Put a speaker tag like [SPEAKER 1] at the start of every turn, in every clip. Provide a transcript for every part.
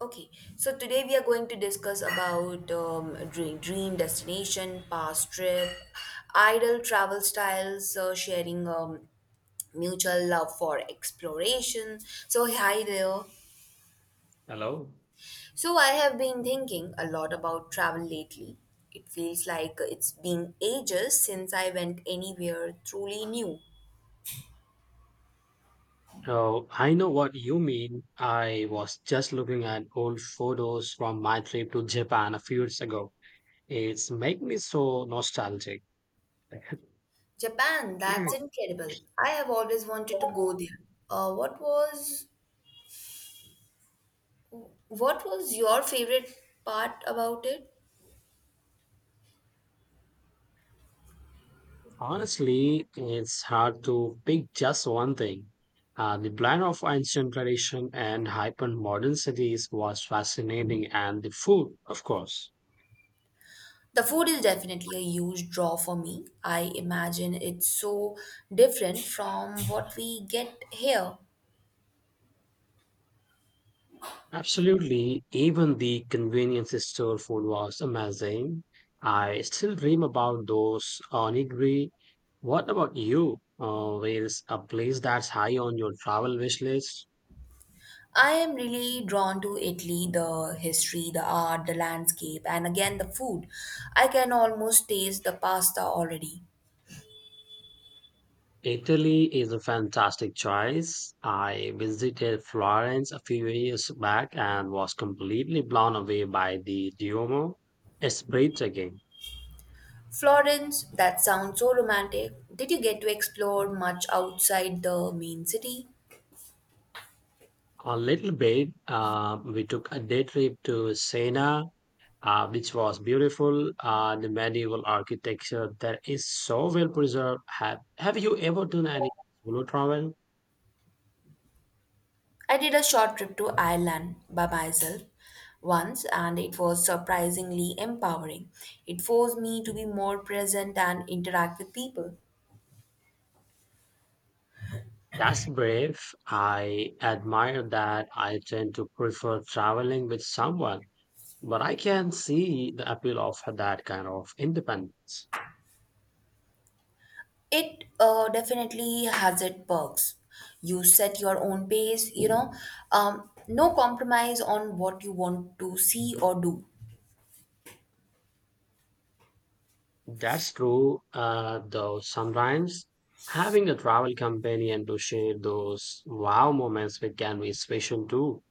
[SPEAKER 1] Okay, so today we are going to discuss about dream destination, past trip, ideal travel styles, sharing mutual love for exploration. So, hi there.
[SPEAKER 2] Hello.
[SPEAKER 1] So, I have been thinking a lot about travel lately. It feels like it's been ages since I went anywhere truly new.
[SPEAKER 2] Oh, I know what you mean. I was just looking at old photos from my trip to Japan a few years ago. It's make me so nostalgic.
[SPEAKER 1] Japan, that's
[SPEAKER 2] Mm.
[SPEAKER 1] incredible. I have always wanted to go there. What was what was your favorite part about it?
[SPEAKER 2] Honestly, it's hard to pick just one thing. The blend of ancient tradition and hyper modern cities was fascinating, and the food, of course.
[SPEAKER 1] The food is definitely a huge draw for me. I imagine it's so different from what we get here.
[SPEAKER 2] Absolutely. Even the convenience store food was amazing. I still dream about those onigiri. What about you? Where's a place that's high on your travel wish list?
[SPEAKER 1] I am really drawn to Italy, the history, the art, the landscape, and again the food. I can almost taste the pasta already.
[SPEAKER 2] Italy is a fantastic choice. I visited Florence a few years back and was completely blown away by the Duomo. It's breathtaking.
[SPEAKER 1] Florence, that sounds so romantic. Did you get to explore much outside the main city?
[SPEAKER 2] A little bit, we took a day trip to Siena which was beautiful the medieval architecture that is so well preserved. Have you ever done any solo travel?
[SPEAKER 1] I did a short trip to Ireland by myself once, and it was surprisingly empowering. It forced me to be more present and interact with people.
[SPEAKER 2] That's brave. I admire that. I tend to prefer traveling with someone, but I can see the appeal of that kind of independence.
[SPEAKER 1] It definitely has its perks. You set your own pace, no compromise on what you want to see or do.
[SPEAKER 2] That's true. Though sometimes having a travel companion to share those wow moments with can be special too.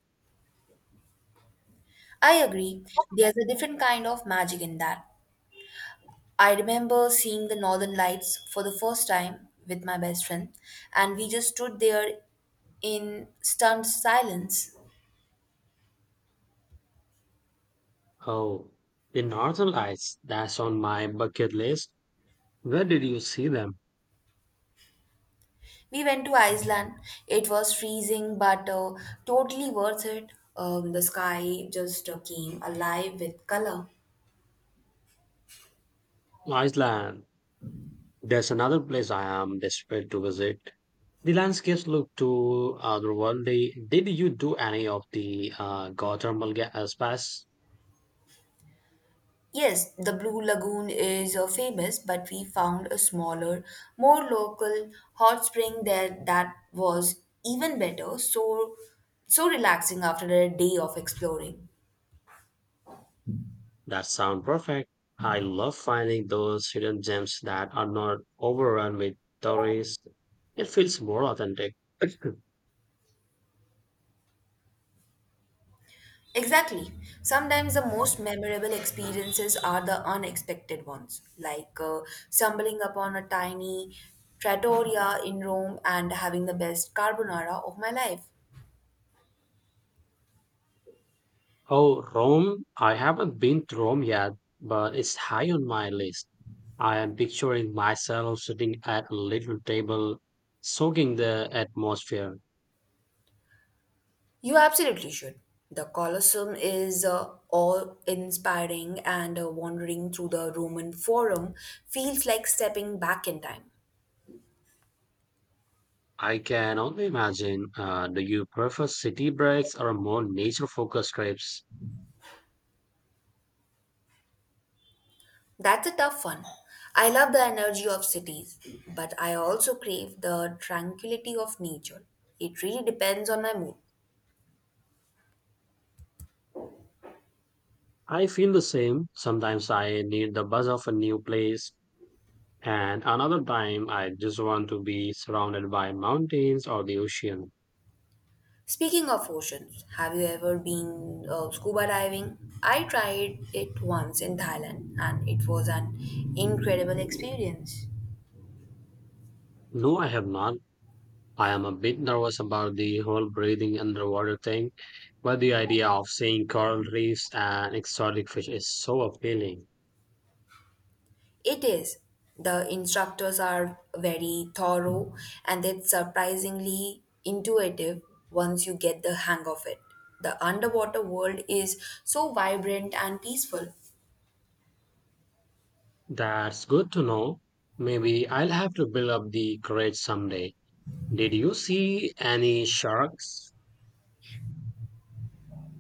[SPEAKER 1] I agree, there's a different kind of magic in that. I remember seeing the northern lights for the first time with my best friend, and we just stood there in stunned silence.
[SPEAKER 2] Oh, the Northern Lights, that's on my bucket list. Where did you see them?
[SPEAKER 1] We went to Iceland. It was freezing, but totally worth it. The sky just came alive with color.
[SPEAKER 2] Iceland. There's another place I am desperate to visit. The landscapes look too otherworldly. Did you do any of the geothermal gas baths?
[SPEAKER 1] Yes, the Blue Lagoon is famous, but we found a smaller, more local hot spring there that was even better. So relaxing after a day of exploring.
[SPEAKER 2] That sound perfect. I love finding those hidden gems that are not overrun with tourists. It feels more authentic.
[SPEAKER 1] Exactly. Sometimes the most memorable experiences are the unexpected ones, like stumbling upon a tiny trattoria in Rome and having the best carbonara of my life.
[SPEAKER 2] Oh, Rome. I haven't been to Rome yet, but it's high on my list. I am picturing myself sitting at a little table, soaking the atmosphere.
[SPEAKER 1] You absolutely should. The Colosseum is awe-inspiring, and wandering through the Roman Forum feels like stepping back in time.
[SPEAKER 2] I can only imagine. Do you prefer city breaks or more nature focused trips?
[SPEAKER 1] That's a tough one. I love the energy of cities, but I also crave the tranquility of nature. It really depends on my mood.
[SPEAKER 2] I feel the same. Sometimes I need the buzz of a new place, and another time I just want to be surrounded by mountains or the ocean.
[SPEAKER 1] Speaking of oceans, have you ever been scuba diving? I tried it once in Thailand and it was an incredible experience.
[SPEAKER 2] No, I have not. I am a bit nervous about the whole breathing underwater thing, but the idea of seeing coral reefs and exotic fish is so appealing.
[SPEAKER 1] It is. The instructors are very thorough and it's surprisingly intuitive once you get the hang of it. The underwater world is so vibrant and peaceful.
[SPEAKER 2] That's good to know. Maybe I'll have to build up the courage someday. Did you see any sharks?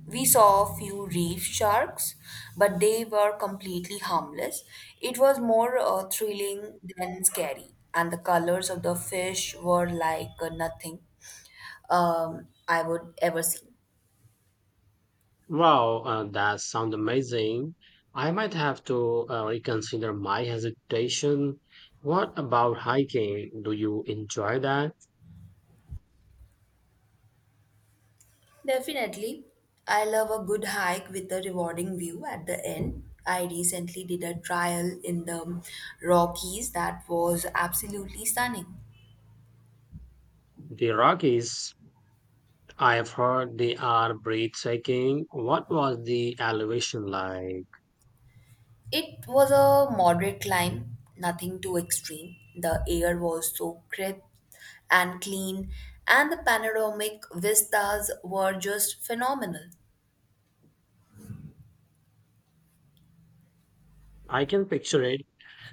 [SPEAKER 1] We saw a few reef sharks, but they were completely harmless. It was more thrilling than scary, and the colors of the fish were like nothing I would ever see.
[SPEAKER 2] Wow, that sounds amazing. I might have to reconsider my hesitation. What about hiking? Do you enjoy that?
[SPEAKER 1] Definitely. I love a good hike with a rewarding view at the end. I recently did a trial in the Rockies that was absolutely stunning.
[SPEAKER 2] The Rockies. I've heard they are breathtaking. What was the elevation like?
[SPEAKER 1] It was a moderate climb, nothing too extreme. The air was so crisp and clean, and the panoramic vistas were just phenomenal.
[SPEAKER 2] I can picture it.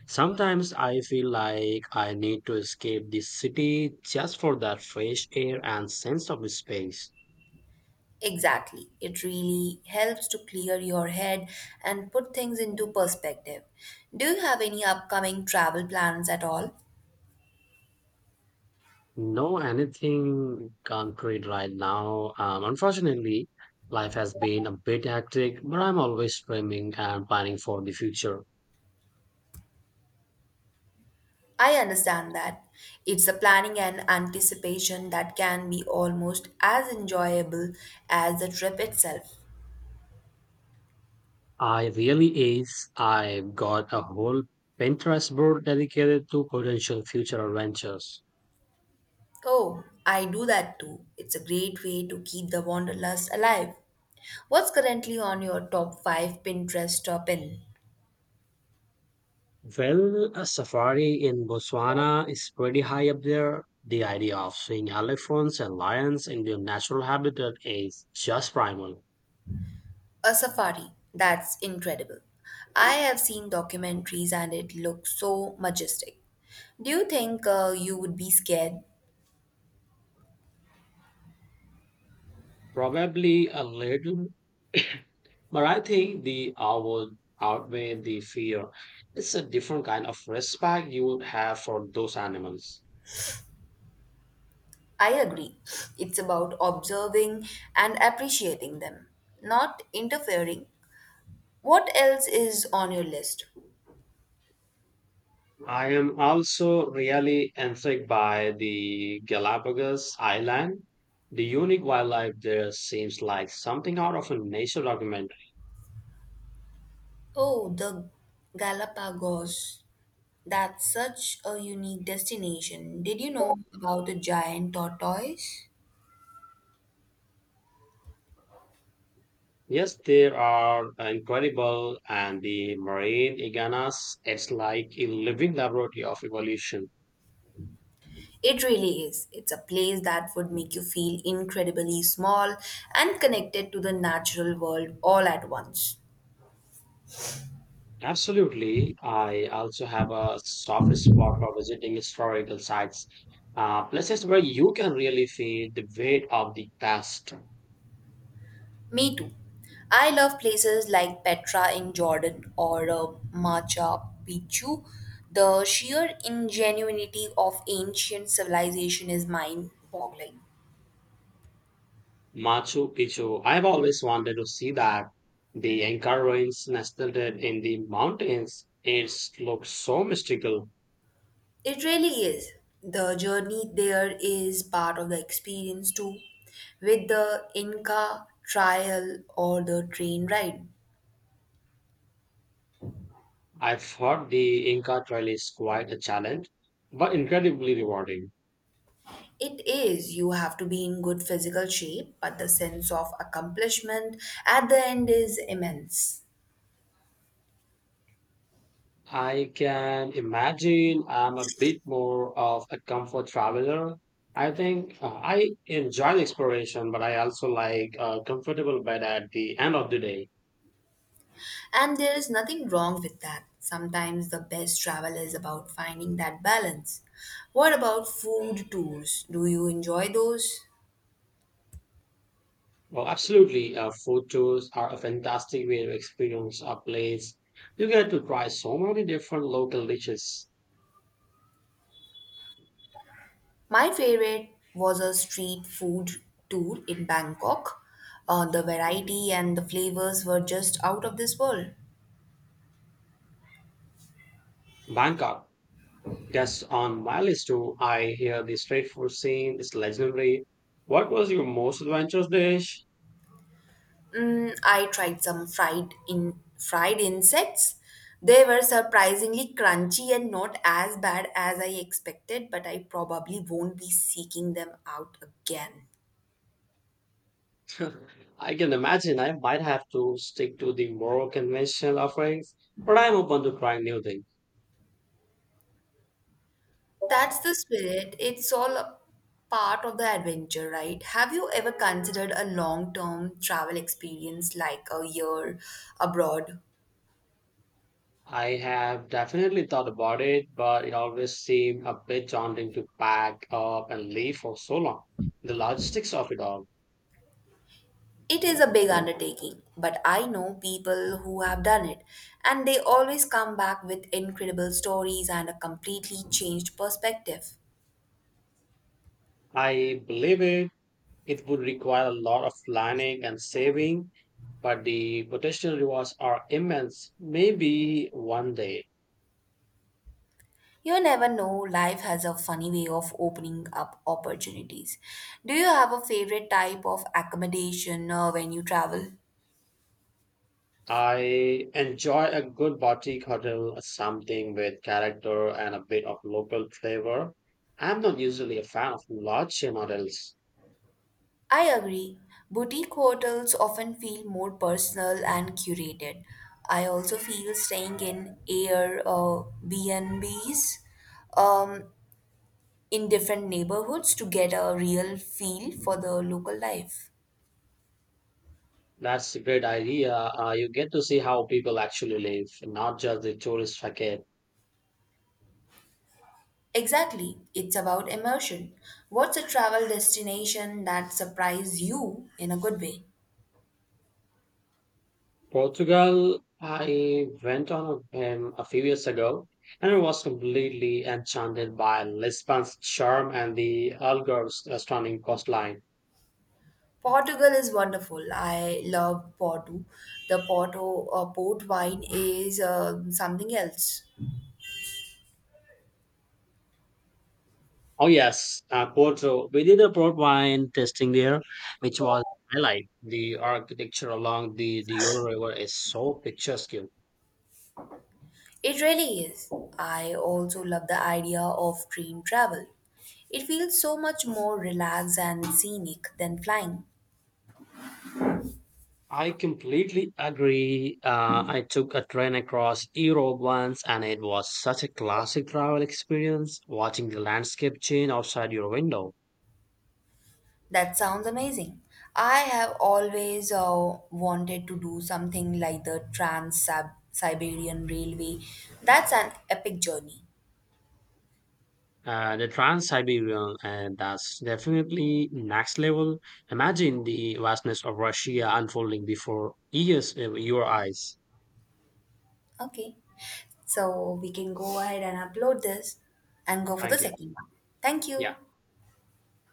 [SPEAKER 2] Sometimes I feel like I need to escape the city just for that fresh air and sense of space.
[SPEAKER 1] Exactly. It really helps to clear your head and put things into perspective. Do you have any upcoming travel plans at all?
[SPEAKER 2] No anything concrete right now. Unfortunately, life has been a bit hectic, but I'm always dreaming and planning for the future.
[SPEAKER 1] I understand that. It's the planning and anticipation that can be almost as enjoyable as the trip itself.
[SPEAKER 2] I really is. I've got a whole Pinterest board dedicated to potential future adventures.
[SPEAKER 1] Oh, I do that too. It's a great way to keep the wanderlust alive. What's currently on your top 5 Pinterest top in?
[SPEAKER 2] Well, a safari in Botswana is pretty high up there. The idea of seeing elephants and lions in their natural habitat is just primal.
[SPEAKER 1] A safari. That's incredible. I have seen documentaries and it looks so majestic. Do you think you would be scared?
[SPEAKER 2] Probably a little, but I think the awe would outweigh the fear. It's a different kind of respect you would have for those animals.
[SPEAKER 1] I agree. It's about observing and appreciating them, not interfering. What else is on your list?
[SPEAKER 2] I am also really intrigued by the Galapagos Island. The unique wildlife there seems like something out of a nature documentary.
[SPEAKER 1] Oh, the Galapagos. That's such a unique destination. Did you know about the giant tortoise?
[SPEAKER 2] Yes, there are incredible and the marine iguanas. It's like a living laboratory of evolution.
[SPEAKER 1] It really is. It's a place that would make you feel incredibly small and connected to the natural world all at once.
[SPEAKER 2] Absolutely. I also have a soft spot for visiting historical sites, places where you can really feel the weight of the past.
[SPEAKER 1] Me too. I love places like Petra in Jordan or Machu Picchu. The sheer ingenuity of ancient civilization is mind boggling.
[SPEAKER 2] Machu Picchu. I've always wanted to see that. The Inca ruins nestled in the mountains. It looks so mystical.
[SPEAKER 1] It really is. The journey there is part of the experience too, with the Inca trial or the train ride.
[SPEAKER 2] I've heard the Inca Trail is quite a challenge, but incredibly rewarding.
[SPEAKER 1] It is, you have to be in good physical shape, but the sense of accomplishment at the end is immense.
[SPEAKER 2] I can imagine I'm a bit more of a comfort traveler. I think I enjoy the exploration, but I also like a comfortable bed at the end of the day.
[SPEAKER 1] And there is nothing wrong with that. Sometimes the best travel is about finding that balance. What about food tours? Do you enjoy those?
[SPEAKER 2] Well, absolutely, photos are a fantastic way to experience a place. You get to try so many different local dishes.
[SPEAKER 1] My favorite was a street food tour in Bangkok. The variety and the flavors were just out of this world.
[SPEAKER 2] Bangkok. Yes, on my list too, I hear the street food scene is legendary. What was your most adventurous dish?
[SPEAKER 1] Mm, I tried some fried insects. They were surprisingly crunchy and not as bad as I expected, but I probably won't be seeking them out again.
[SPEAKER 2] I can imagine I might have to stick to the more conventional offerings, but I'm open to trying new things.
[SPEAKER 1] That's the spirit. It's all a part of the adventure, right? Have you ever considered a long-term travel experience like a year abroad?
[SPEAKER 2] I have definitely thought about it, but it always seemed a bit daunting to pack up and leave for so long. The logistics of it all.
[SPEAKER 1] It is a big undertaking, but I know people who have done it, and they always come back with incredible stories and a completely changed perspective.
[SPEAKER 2] I believe it. It would require a lot of planning and saving, but the potential rewards are immense. Maybe one day
[SPEAKER 1] You never know, life has a funny way of opening up opportunities. Do you have a favorite type of accommodation when you travel?
[SPEAKER 2] I enjoy a good boutique hotel, something with character and a bit of local flavor. I'm not usually a fan of large chain hotels.
[SPEAKER 1] I agree. Boutique hotels often feel more personal and curated. I also feel staying in Air BNBs um, in different neighborhoods to get a real feel for the local life.
[SPEAKER 2] That's a great idea. You get to see how people actually live, not just the tourist facade.
[SPEAKER 1] Exactly, it's about immersion. What's a travel destination that surprised you in a good way?
[SPEAKER 2] Portugal, I went on a few years ago and I was completely enchanted by Lisbon's charm and the Algarve's stunning coastline.
[SPEAKER 1] Portugal is wonderful. I love Porto. The Porto port wine is something else.
[SPEAKER 2] Oh, yes, Porto. We did a port wine tasting there, which was highlight. The architecture along the Douro River is so picturesque.
[SPEAKER 1] It really is. I also love the idea of train travel. It feels so much more relaxed and scenic than flying.
[SPEAKER 2] I completely agree. I took a train across Europe once, and it was such a classic travel experience watching the landscape change outside your window.
[SPEAKER 1] That sounds amazing. I have always wanted to do something like the Trans Siberian Railway. That's an epic journey.
[SPEAKER 2] The Trans-Siberian, and that's definitely next level. Imagine the vastness of Russia unfolding before years, your eyes.
[SPEAKER 1] Okay. So we can go ahead and upload this and go for the
[SPEAKER 2] Thank you.
[SPEAKER 1] second one. Thank you.
[SPEAKER 2] Yeah.